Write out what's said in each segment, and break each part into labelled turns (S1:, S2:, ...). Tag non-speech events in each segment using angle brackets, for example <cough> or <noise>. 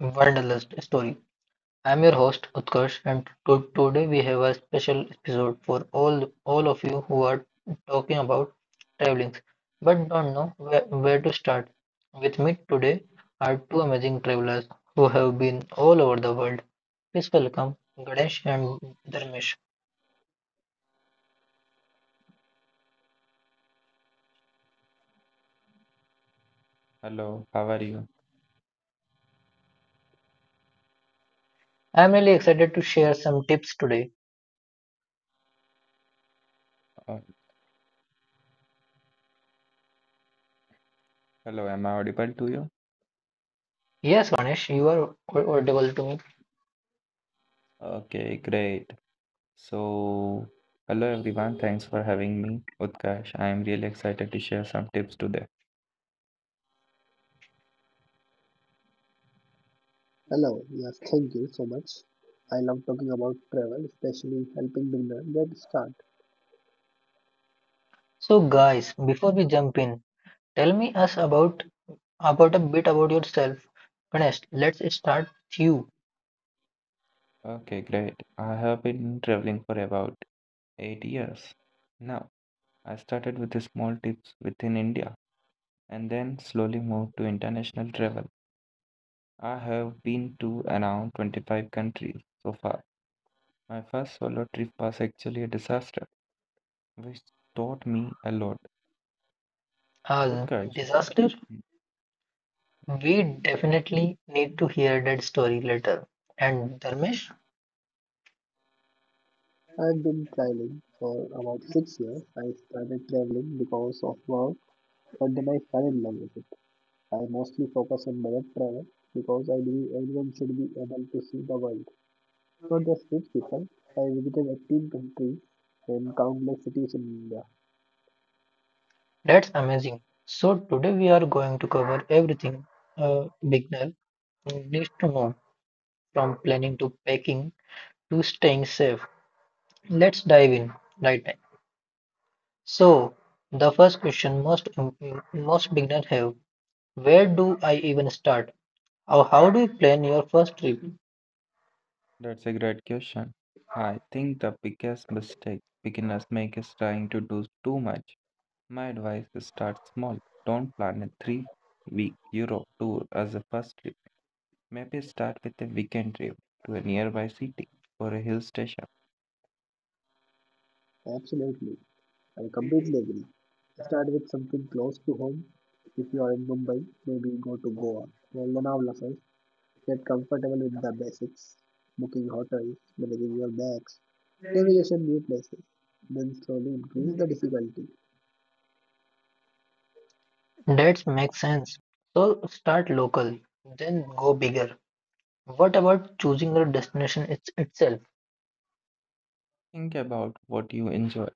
S1: Wanderlust Story. I am your host Utkarsh, and today we have a special episode for all of you who are talking about traveling but don't know where, to start. With me today are two amazing travelers who have been all over the world. Please welcome Ganesh and Dharmesh.
S2: Hello, how are you?
S1: I am really excited to share some tips today.
S2: Uh, hello, am I audible to you?
S1: Yes, Ganesh, you are audible to me.
S2: Okay, great. So, hello everyone, thanks for having me, Utkarsh. I am really excited to share some tips today.
S3: Hello, yes, thank you so much. I love talking about travel, especially helping beginners get start.
S1: So, guys, before we jump in, tell me us about a bit about yourself. Ganesh, let's start with you.
S2: Okay, great. I have been traveling for about 8 years. Now, I started with the small tips within India and then slowly moved to international travel. I have been to around 25 countries so far. My first solo trip was actually a disaster, which taught me a lot.
S1: Uh,
S2: Utkarsh,
S1: Disaster? We definitely need to hear that story later. And Dharmesh,
S3: I've been traveling for about 6 years. I started traveling because of work, but then I fell in love with it. I mostly focus on budget travel because I believe everyone should be able to see the world, not just rich people. I visited 18 countries and countless cities in India.
S1: that's amazing. So today we are going to cover everything a beginner needs to know, from planning to packing to staying safe. Let's dive in right now. So the first question most beginners have, where do I even start? Oh, how do you plan your first trip?
S2: that's a great question. I think the biggest mistake beginners make is trying to do too much. My advice is start small. Don't plan a 3 week Europe tour as a first trip. Maybe start with a weekend trip to a nearby city or a hill station.
S3: Absolutely. I completely agree. Start with something close to home. If you are in Mumbai, maybe go to Goa or Lonavala first. Get comfortable with the basics, booking hotels, managing your bags, navigation new places. Then slowly increase the difficulty.
S1: That makes sense. So start local, then go bigger. What about choosing your destination it's itself?
S2: Think about what you enjoy.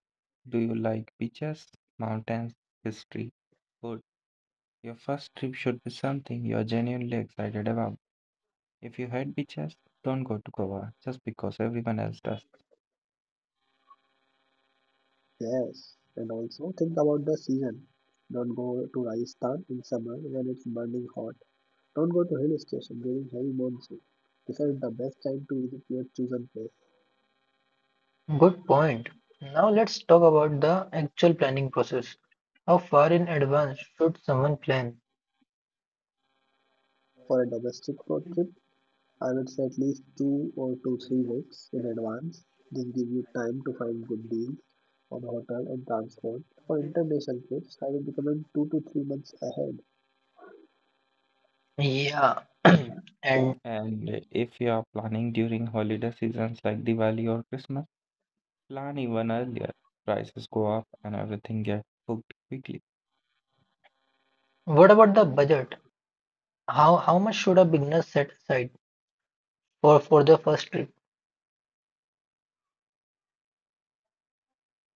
S2: Do you like beaches, mountains, history, food? Your first trip should be something you're genuinely excited about. If you hate beaches, don't go to Goa just because everyone else does.
S3: Yes, and also think about the season. Don't go to Rajasthan in summer when it's burning hot. Don't go to hill station during heavy monsoon. Decide the best time to visit your chosen place
S1: Good point. Now let's talk about the actual planning process. How far in advance should someone plan?
S3: for a domestic road trip. I would say at least two or 3 weeks in advance. This gives you time to find good deals on hotel and transport. For international trips, I would recommend 2 to 3 months ahead.
S1: Yeah.
S2: Yeah.
S1: <clears throat> And
S2: And if you are planning during holiday seasons like Diwali or Christmas, plan even earlier. Prices go up and everything gets booked quickly.
S1: what about the budget? How much should a beginner set aside for the first trip?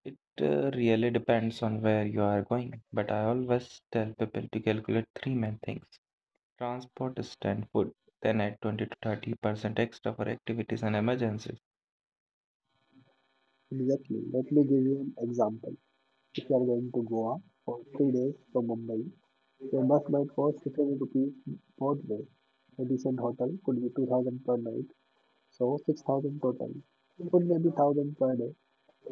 S2: It really depends on where you are going, but I always tell people to calculate three main things: transport, stand, food. Then add 20 to 30% extra for activities and emergencies.
S3: Exactly. Let me give you an example. If you are going to Goa for 3 days from Mumbai, your bus might cost 15 rupees both ways. A decent hotel could be 2000 per night, so 6000 total. Food may be 1000 per day,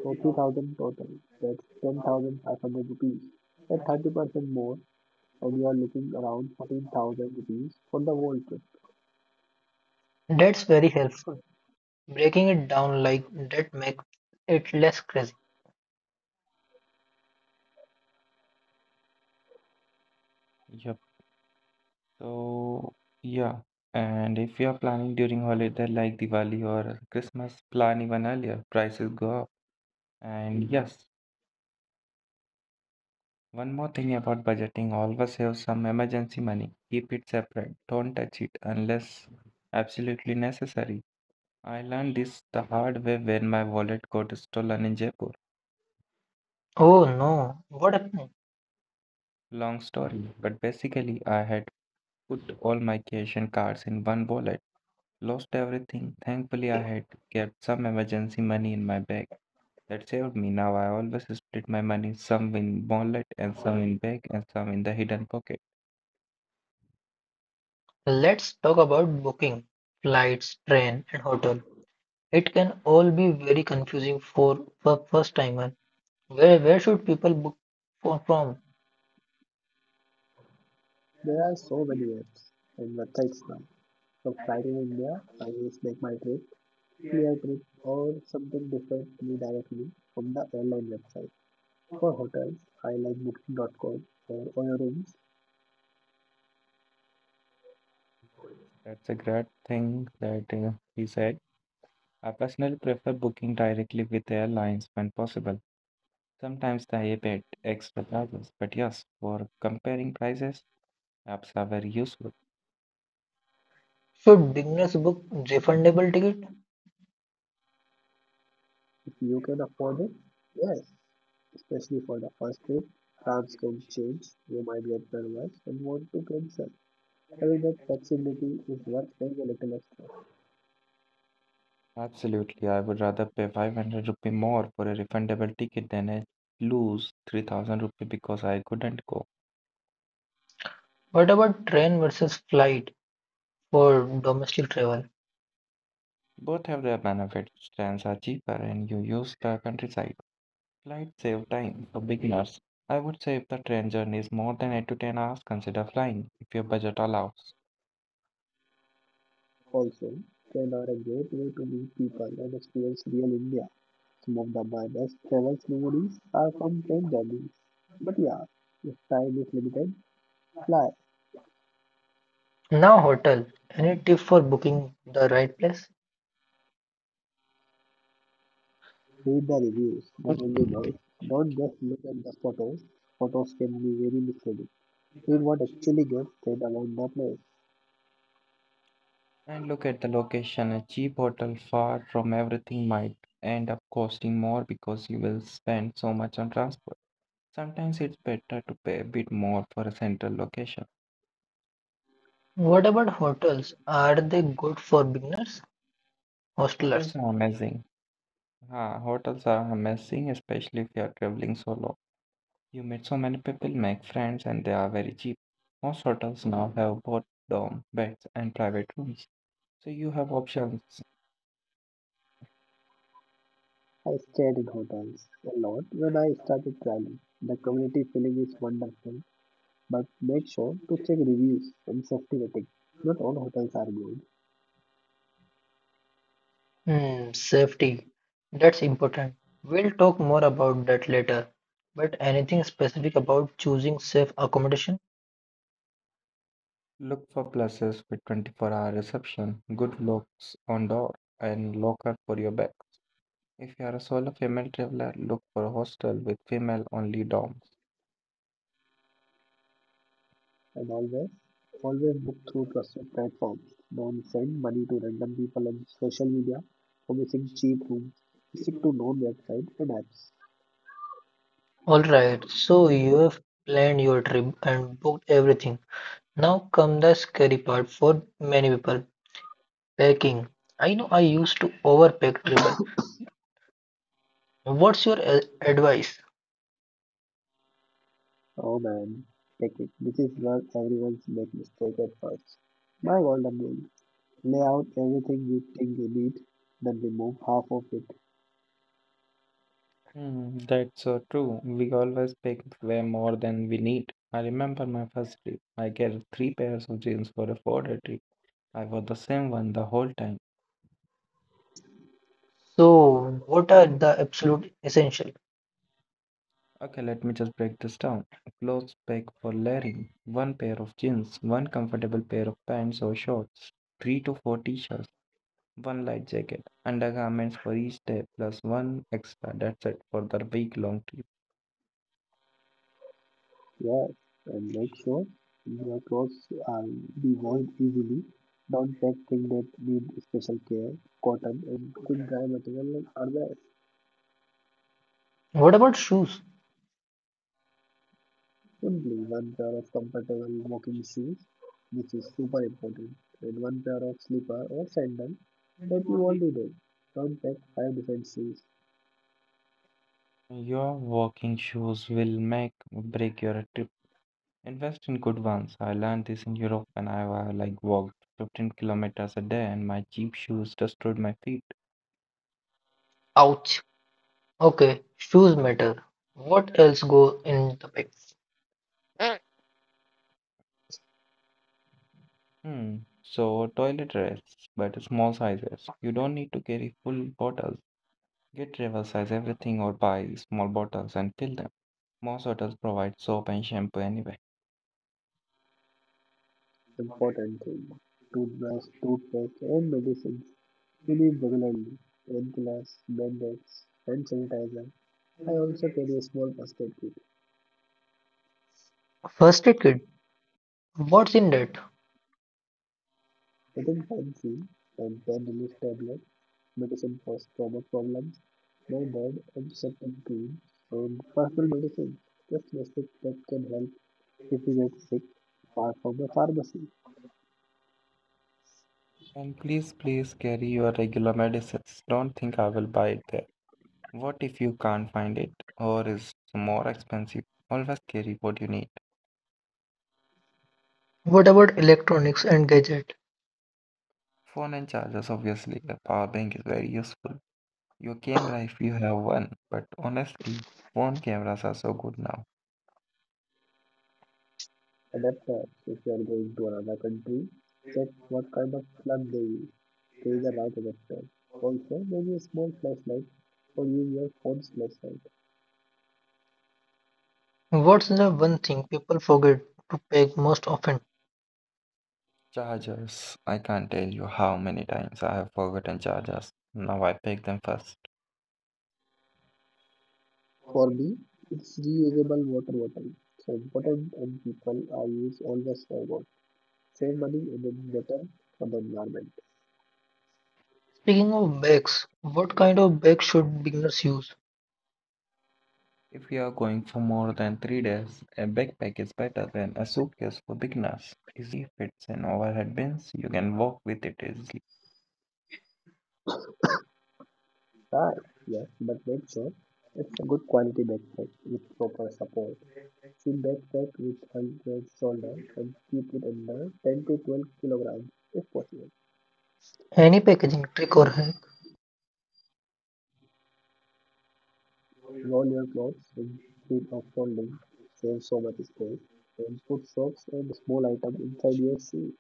S3: so 3000 total. That's 10,500 rupees. At 30% more, and you are looking around 14,000 rupees for the whole trip.
S1: That's very helpful. Breaking it down like that makes it less crazy.
S2: Yep. So, yeah. And if you are planning during holiday like Diwali or Christmas, plan even earlier. Prices go up. And yes, one more thing about budgeting, always have some emergency money. Keep it separate. Don't touch it unless absolutely necessary. I learned this the hard way when my wallet got stolen in Jaipur.
S1: Oh no, what happened?
S2: Long story, but basically I had put all my cash and cards in one wallet. Lost everything. Thankfully I had kept some emergency money in my bag. That saved me. Now I always split my money, some in wallet and some in bag and some in the hidden pocket.
S1: Let's talk about booking flights, train, and hotel. It can all be very confusing for a first timer. Where should people book for, from?
S3: There are so many apps and websites now. For flight in India, I use Make My Trip, Clear Trip, or something different me directly from the airline website. For hotels, I like Booking.com or Oyo Rooms
S2: Yeah, that's a great thing that he said. I personally prefer booking directly with airlines when possible. Sometimes they pay extra charges, but yes, for comparing prices, apps are very useful.
S1: Should beginners book refundable ticket?
S3: if you can afford it. Yes, especially for the first trip, plans can change. You might get nervous and want to cancel. Having that flexibility is worth paying a little extra.
S2: Absolutely, I would rather pay 500 rupee more for a refundable ticket than I lose 3,000 rupee because I couldn't go.
S1: What about train versus flight for domestic travel?
S2: Both have their benefits. Trains are cheaper and you use the countryside. Flights save time for beginners. I would say if the train journey is more than 8 to 10 hours, consider flying if your budget allows.
S3: Also, train are a great way to meet people and experience real India. Some of the my best travel memories are from train journeys. But yeah, if time is limited, fly,
S1: Now hotel. Any tip for booking the right place?
S3: read the reviews, not only noise. Don't just look at the photos. Photos can be very misleading. Read what actually gets said about the place.
S2: And look at the location. A cheap hotel far from everything might end up costing more because you will spend so much on transport. Sometimes it's better to pay a bit more for a central location.
S1: What about hotels? Are they good for beginners,
S2: Hotels
S1: hostelers?
S2: are amazing. Hotels are amazing, especially if you are traveling solo. You meet so many people, make friends, and they are very cheap. Most hotels now have both dorm beds and private rooms, so you have options.
S3: I stayed in hotels a lot when I started traveling. The community feeling is wonderful, but make sure to check reviews and safety ratings. Not all hotels are good.
S1: Hmm, safety. That's important. We'll talk more about that later. But anything specific about choosing safe accommodation?
S2: Look for places with 24-hour reception, good locks on door, and locker for your bags. If you are a solo female traveler, look for a hostel with female-only dorms.
S3: And always, always book through trusted platforms. Don't send money to random people on social media for missing cheap rooms. Stick to known websites and apps.
S1: All right, so you have planned your trip and booked everything. Now come the scary part for many people, packing. I know I used to overpack travel. What's your advice?
S3: Oh man, take it. This is where everyone's make mistake at first. My golden rule: lay out everything you think you need, then remove half of it.
S2: Hmm, that's so true. We always pick way more than we need. I remember my first trip. I get three pairs of jeans for a four-day trip. I wore the same one the whole time.
S1: So, what are the absolute essential?
S2: Okay, let me just break this down. Clothes pack for layering. One pair of jeans, one comfortable pair of pants or shorts, three to four t-shirts, one light jacket, undergarments for each day, plus one extra. That's it for the week-long trip.
S3: Yes, and make sure your clothes are washed easily. Don't pack things that need special care. Cotton and good dry material are best.
S1: What about shoes?
S3: Simply one pair of comfortable walking shoes, which is super important, and one pair of slipper or sandal that you only know. Don't pack five different shoes.
S2: Your walking shoes will make or break your trip. Invest in good ones. I learned this in Europe when I walked 15 kilometers a day and my cheap shoes destroyed my feet.
S1: Ouch. Okay, shoes matter. What else go in the bag?
S2: Hmm. So toilet rolls, but small sizes. You don't need to carry full bottles. Get travel size everything or buy small bottles and fill them. Most hotels provide soap and shampoo anyway.
S3: Important thing: toothbrush, toothpaste, and medicines you need regularly. Painkillers, band-aids, hand sanitizer. I also carry a small basket kit.
S1: First aid kit. What's in that?
S3: Nothing fancy, and 10 relief tablets, medicine for stomach problems, my dad, antiseptic cream, and personal medicine. Just basic that can help if you get sick, apart from the pharmacy.
S2: And please, please carry your regular medicines. Don't think I will buy it there. What if you can't find it or is more expensive? Always carry what you need.
S1: What about electronics and gadget?
S2: Phone and chargers, obviously. A power bank is very useful. Your camera if you have one, but honestly, phone cameras are so good now.
S3: Adapter, if you are going to another country, check what kind of plug they use. There is a light adapter. Also, maybe a small flashlight or use your phone's flashlight.
S1: What's the one thing people forget to pack most often?
S2: Chargers. I can't tell you how many times I have forgotten chargers. Now I pack them first.
S3: For me, it's reusable water bottle. So important and people are use always forgot. Save money and it's better for the environment.
S1: Speaking of bags, what kind of bag should beginners use?
S2: If you are going for more than 3 days, a backpack is better than a suitcase for beginners. Easier to carry, fits in overhead bins, you can walk with it easily.
S3: Right, yes, but make sure it's a good quality backpack with proper support. See backpack with hundred shoulder and keep it under 10 to 12 kilograms if possible.
S1: Any packaging trick or hack?
S3: Roll your clothes instead of folding, save so much space, and put socks and small item inside your shoe.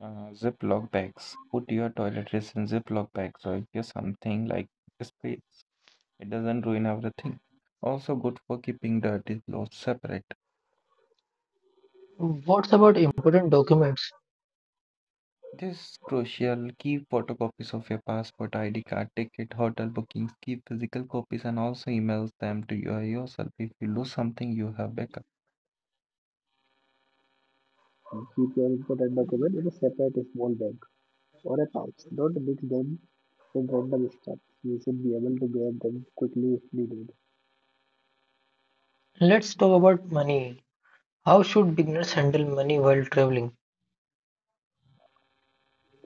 S2: Ziploc bags. Put your toiletries in Ziploc bags or use something like space. It doesn't ruin everything. Also good for keeping dirty clothes separate.
S1: What's about important documents?
S2: This crucial. Keep photocopies of your passport, ID card, ticket, hotel bookings. Keep physical copies and also emails them to you yourself. If you lose something, you have backup.
S3: And keep your important document in a separate small bag or a pouch. Don't mix them with random stuff. You should be able to grab them quickly if needed.
S1: Let's talk about money. How should beginners handle money while traveling?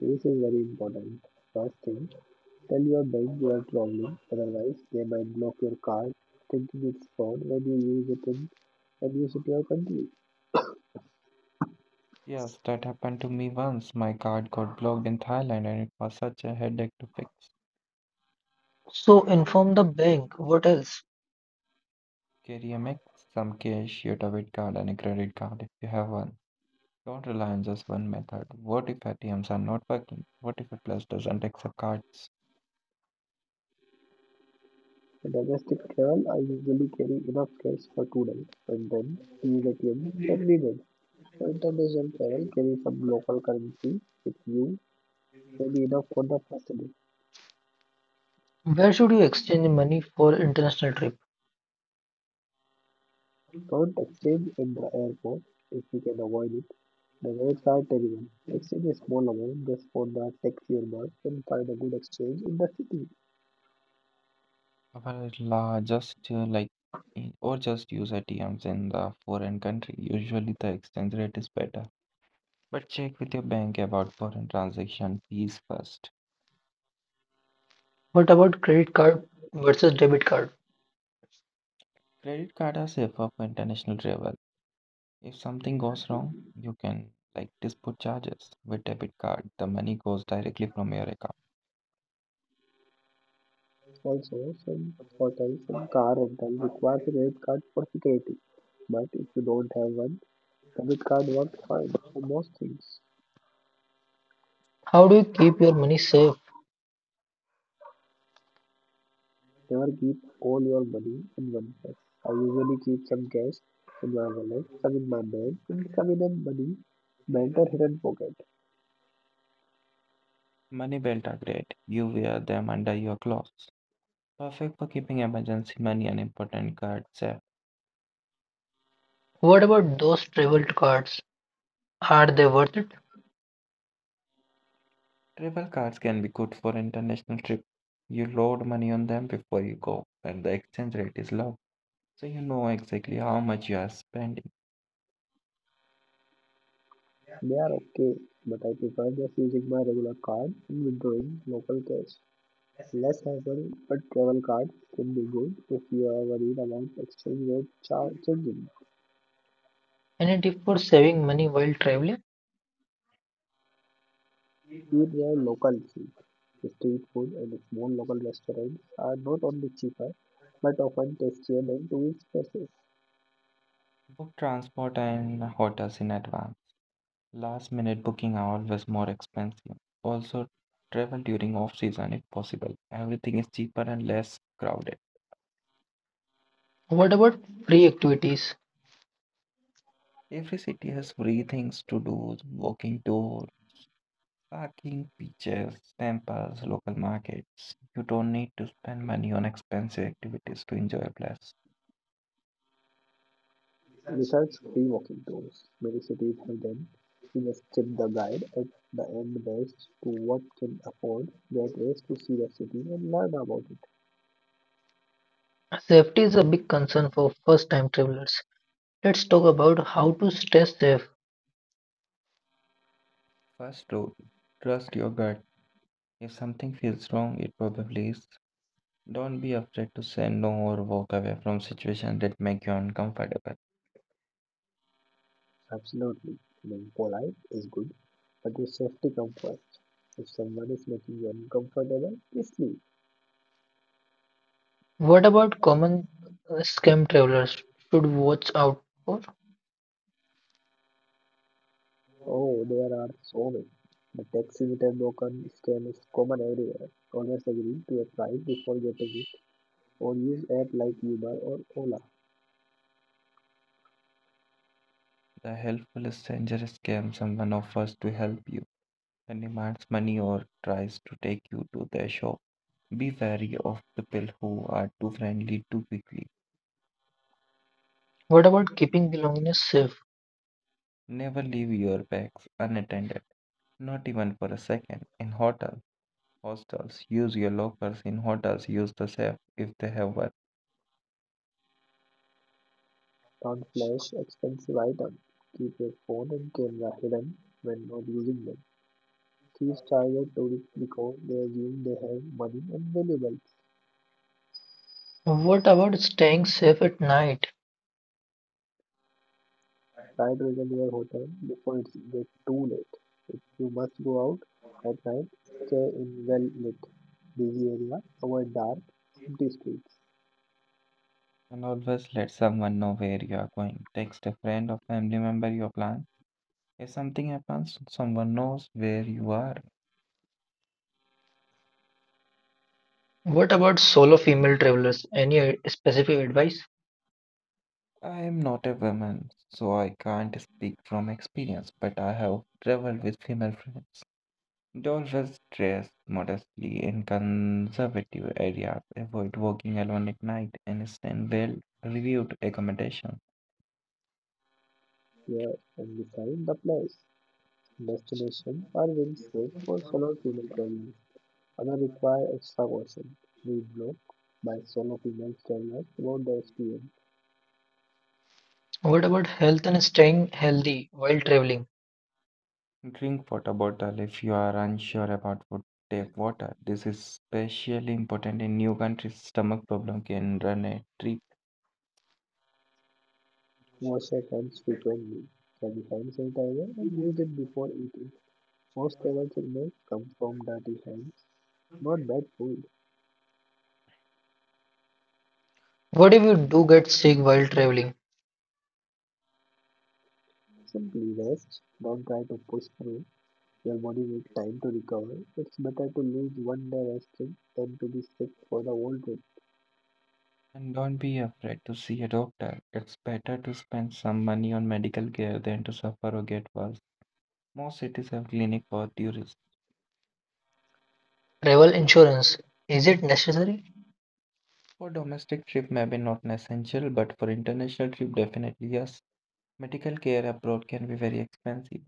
S3: This is very important. First thing, tell your bank you are traveling, otherwise they might block your card thinking it's fraud when you use it in your country.
S2: Yes, that happened to me once. My card got blocked in Thailand, and it was such a headache to fix.
S1: So, inform the bank. What else?
S2: Carry a mix, some cash, your debit card, and a credit card if you have one. Don't rely on just one method. What if ATMs are not working? What if a Plus doesn't accept cards?
S3: For domestic travel, I usually carry enough cash for 2 days and then use ATM if needed. For international travel, carry some local currency with you, maybe enough for the first day.
S1: Where should you exchange money for international trip?
S3: Don't exchange in the airport if you can avoid it. The rates are terrible. Exchange a small amount just for the tech fuel bus and find a good exchange in the city.
S2: Well, just use ATMs in the foreign country. Usually the exchange rate is better. But check with your bank about foreign transaction fees first.
S1: What about credit card versus debit card?
S2: Credit card are safer for international travel. If something goes wrong, you can dispute charges. With debit card, the money goes directly from your account.
S3: Also, some hotels and car rental requires a credit card for security. But if you don't have one, debit card works fine for most things.
S1: How do you keep your money safe?
S3: Never keep all your money in one place. I usually keep some cash in my wallet, some in my bag, and some in a money belt or hidden pocket.
S2: Money belt are great. You wear them under your clothes. Perfect for keeping emergency money and important cards.
S1: What about those travel cards? Are they worth it?
S2: Travel cards can be good for international trip. You load money on them before you go, and the exchange rate is low, so you know exactly how much you are spending.
S3: They are okay, but I prefer just using my regular card and withdrawing local cash. Less hassle, but travel cards can be good if you are worried about exchange rate changing.
S1: Any tip for saving money while traveling?
S3: Eat where locals eat. Street food and small local restaurants are not only cheaper but often tastier than tourist places.
S2: Book transport and hotels in advance. Last minute booking are always more expensive. Also, travel during off season if possible. Everything is cheaper and less crowded.
S1: What about free activities?
S2: Every city has free things to do, walking tours, parking, beaches, temples, local markets. You don't need to spend money on expensive activities to enjoy a place.
S3: Research free walking tours. Many cities have them. You just tip the guide at the end best to what can afford. That ways to see the city and learn about it.
S1: Safety is a big concern for first time travelers. Let's talk about how to stay safe.
S2: First rule, trust your gut. If something feels wrong, it probably is. Don't be afraid to say no or walk away from situations that make you uncomfortable.
S3: Absolutely. Being polite is good, but your safety comes first. If someone is making you uncomfortable, just leave.
S1: What about common scam travelers should watch out for?
S3: Oh, there are so many. The taxi meter a broken scam is common everywhere. Always agree to a price before getting it, or use app like Uber or Ola.
S2: The helpfulest stranger is scam someone offers to help you and demands money or tries to take you to their shop. Be wary of people who are too friendly too quickly.
S1: What about keeping belongings safe?
S2: Never leave your bags unattended. Not even for a second. In hotel, hostels, use your lockers. In hotels, use the safe if they have one.
S3: Don't flash expensive items. Keep your phone and camera hidden when not using them. Thieves target tourists because they assume they have money and valuables.
S1: What about staying safe at night?
S3: Try to reserve your hotel before it's get too late. If you must go out at night, stay in well lit, busy area, avoid dark, empty streets.
S2: And always let someone know where you are going. Text a friend or family member your plan. If something happens, someone knows where you are.
S1: What about solo female travelers? Any specific advice?
S2: I am not a woman, so I can't speak from experience, but I have traveled with female friends. They always dress modestly in conservative areas, avoid walking alone at night, and stay in well reviewed accommodation.
S3: Clear and define the place, destination, or will safe for solo female travelers. Other require extra caution. Read blog by solo female travelers about their experience.
S1: What about health and staying healthy while traveling?
S2: Drink water bottle if you are unsure about what take water. This is especially important in new countries. Stomach problem can run a trip.
S3: Wash your hands frequently. Carry hand sanitizer and use it before eating. Most travel signals come from dirty hands, not bad food.
S1: What if you do get sick while traveling?
S3: Simply rest. Don't try to push through. Your body needs time to recover. It's better to lose one day resting than to be sick for the whole trip.
S2: And don't be afraid to see a doctor. It's better to spend some money on medical care than to suffer or get worse. Most cities have clinic for tourists.
S1: Travel insurance, is it necessary?
S2: For domestic trip, maybe not an essential, but for international trip, definitely yes. Medical care abroad can be very expensive.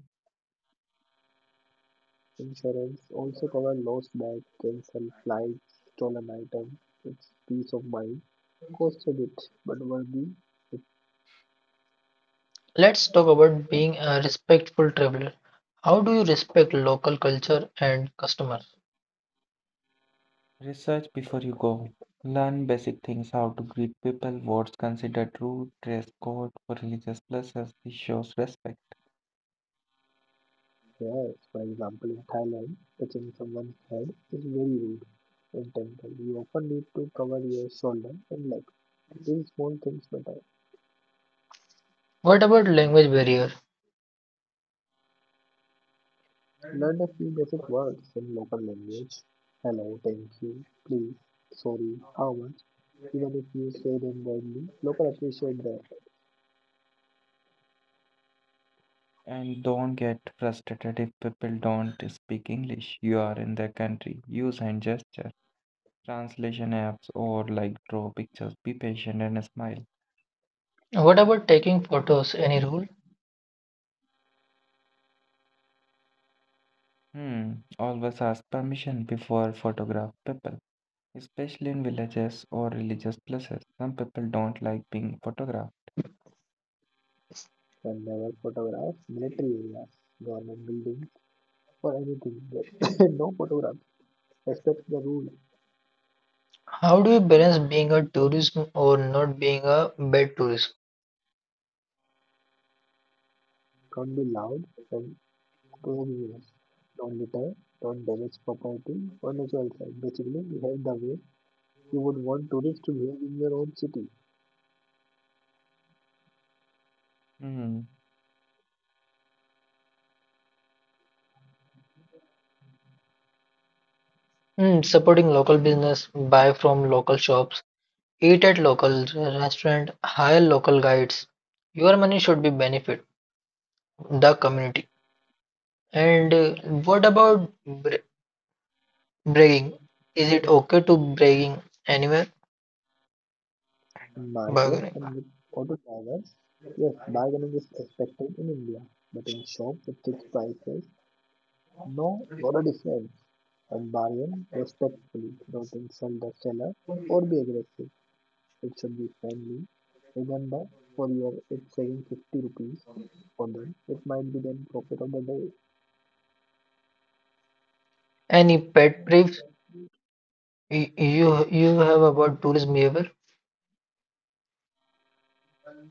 S3: Insurance also covers lost bag, cancelled flights, stolen items. It's peace of mind. Costs a bit, but worthy. It's
S1: Let's talk about being a respectful traveler. How do you respect local culture and customers?
S2: Research before you go. Learn basic things how to greet people, what's considered rude, dress code for religious places. This shows respect.
S3: rare. For example, in Thailand, touching someone's head is very rude and temple. You often need to cover your shoulder and leg. These small things matter.
S1: What about language barrier?
S3: Learn a few basic words in local language. Hello, thank you, please, sorry, how much. Even if you say them badly, locals appreciate that effort.
S2: And don't get frustrated if people don't speak English. You are in their country. Use hand gesture, translation apps, or draw pictures. Be patient and smile.
S1: What about taking photos? Any rule?
S2: Hmm. Always ask permission before photograph people, especially in villages or religious places. Some people don't like being photographed.
S3: And never photograph military areas, government buildings, or anything that <laughs> no photograph. Respect the rule.
S1: How do you balance being a tourist or not being a bad tourist?
S3: Don't be loud and obnoxious. Don't litter. Don't damage property or natural site. Basically, behave the way you would want tourists to behave in your own city.
S2: Hmm.
S1: Hmm, supporting local business, buy from local shops, eat at local restaurant, hire local guides. Your money should be benefit the community. And what about bragging? Is it okay to bragging anywhere?
S3: In market
S1: Bargaining.
S3: and with auto drivers, yes, bargaining is expected in India, but in shop with fixed prices, no, not a difference. And bargain respectfully, don't insult the seller or be aggressive. It should be friendly. Remember, for your it's saving 50 rupees, for them it might be then profit of the day.
S1: Any pet peeves you have about tourism behavior?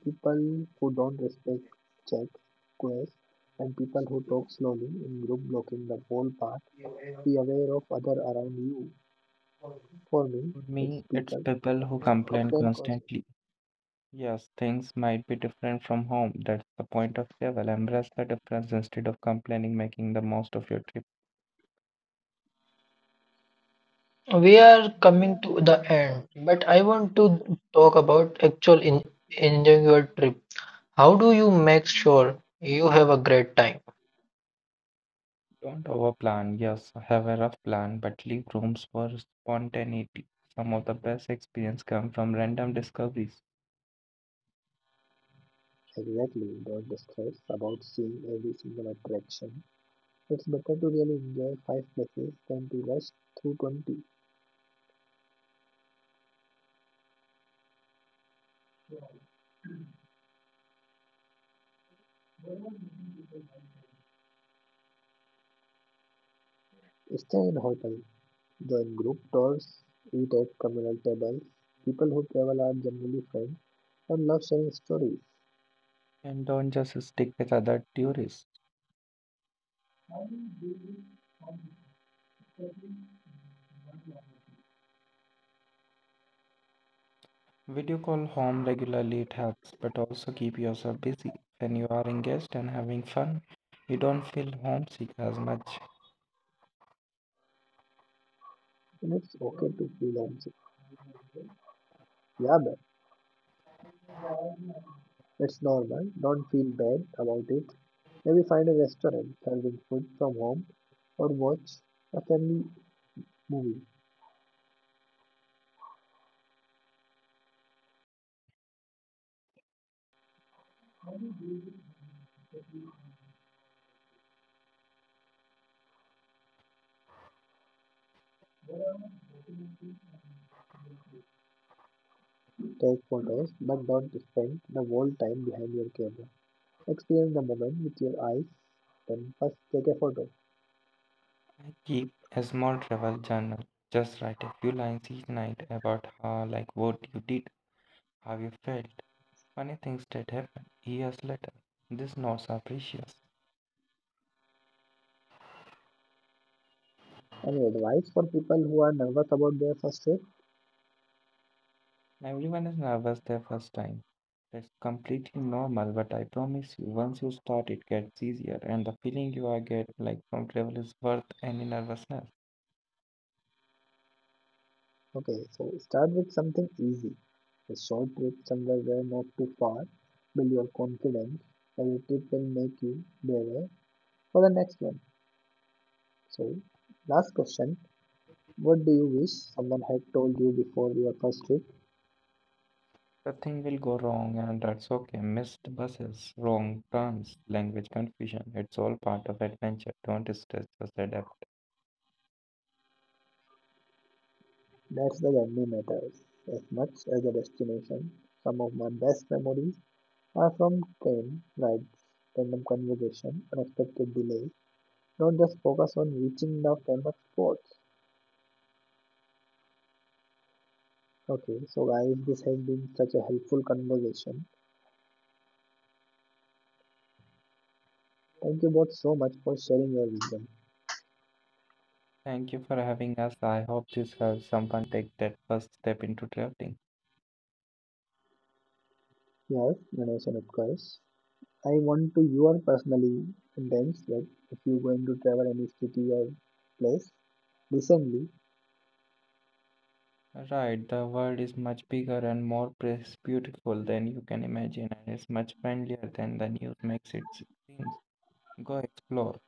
S3: People who don't respect checks, queues, and people who talk slowly in group blocking the whole path, be aware of other around you. For me,
S2: For
S3: it's
S2: me, it's
S3: people.
S2: people who complain
S3: Compare costs
S2: constantly. Yes, things might be different from home. That's the point of travel. Embrace the difference instead of complaining, making the most of your trip.
S1: We are coming to the end, but I want to talk about actual in enjoying your trip. How do you make sure you have a great time?
S2: Don't overplan. Yes, have a rough plan, but leave rooms for spontaneity. Some of the best experience come from random discoveries.
S3: exactly, don't stress about seeing every single attraction. It's better to really enjoy 5 places than to rush through 20. Stay in hotel, join group tours, eat at communal tables. People who travel are generally friends and love sharing stories.
S2: And don't just stick with other tourists. Video call home regularly, it helps, but also keep yourself busy. When you are engaged and having fun, you don't feel homesick as much.
S3: And it's okay to feel homesick. Yeah, but it's normal. Don't feel bad about it. Maybe find a restaurant serving food from home or watch a family movie. Take photos, but don't spend the whole time behind your camera. Experience the moment with your eyes, then first take a photo.
S2: I keep a small travel journal. Just write a few lines each night about what you did, how you felt, funny things that happened years later. These notes are precious.
S3: Any advice for people who are nervous about their first trip?
S2: Everyone is nervous their first time. That's completely normal, but I promise you, once you start, it gets easier, and the feeling you are get from travel is worth any nervousness.
S3: Okay, so start with something easy. A short trip somewhere where not too far. Build your confidence. Every trip will make you braver for the next one. So, last question. What do you wish someone had told you before your first trip?
S2: Nothing will go wrong, and that's okay. Missed buses, wrong turns, language confusion. It's all part of adventure. Don't stress, just adapt.
S3: That's the journey matters as much as the destination. Some of my best memories are from train rides, random conversation, unexpected delays. Don't just focus on reaching the famous spots. Okay, so guys, this has been such a helpful conversation. Thank you both so much for sharing your wisdom.
S2: Thank you for having us. I hope this helps someone take that first step into traveling.
S3: Yes, Ganesh and Utkarsh. I want to you are personally intense that if you're going to travel any city or place, recently
S2: Right, the world is much bigger and more beautiful than you can imagine, and it's much friendlier than the news makes it seem. Go explore.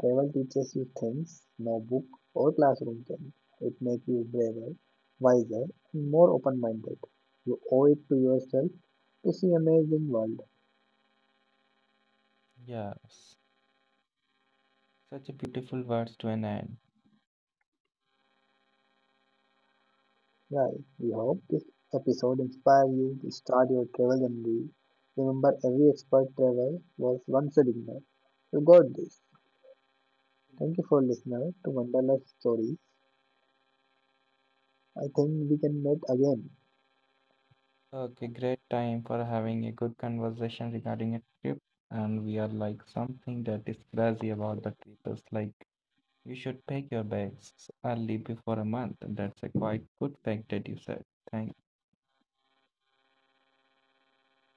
S3: travel teaches you things no book or classroom can. It makes you braver, wiser, and more open-minded. You owe it to yourself to see amazing world.
S2: Yes, such a beautiful words to an end.
S3: Right. We hope this episode inspire you to start your travel journey. Remember, every expert traveler was once a beginner. You got this. Thank you for listener to Wanderlust Stories. I think we can meet again.
S2: Okay, great time for having a good conversation regarding a trip, and we are like something that is crazy about the trip. It's like you should pack your bags early before a month. That's a quite good fact that you said. Thank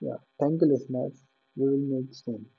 S3: Yeah. Thank you, listeners. We will meet soon.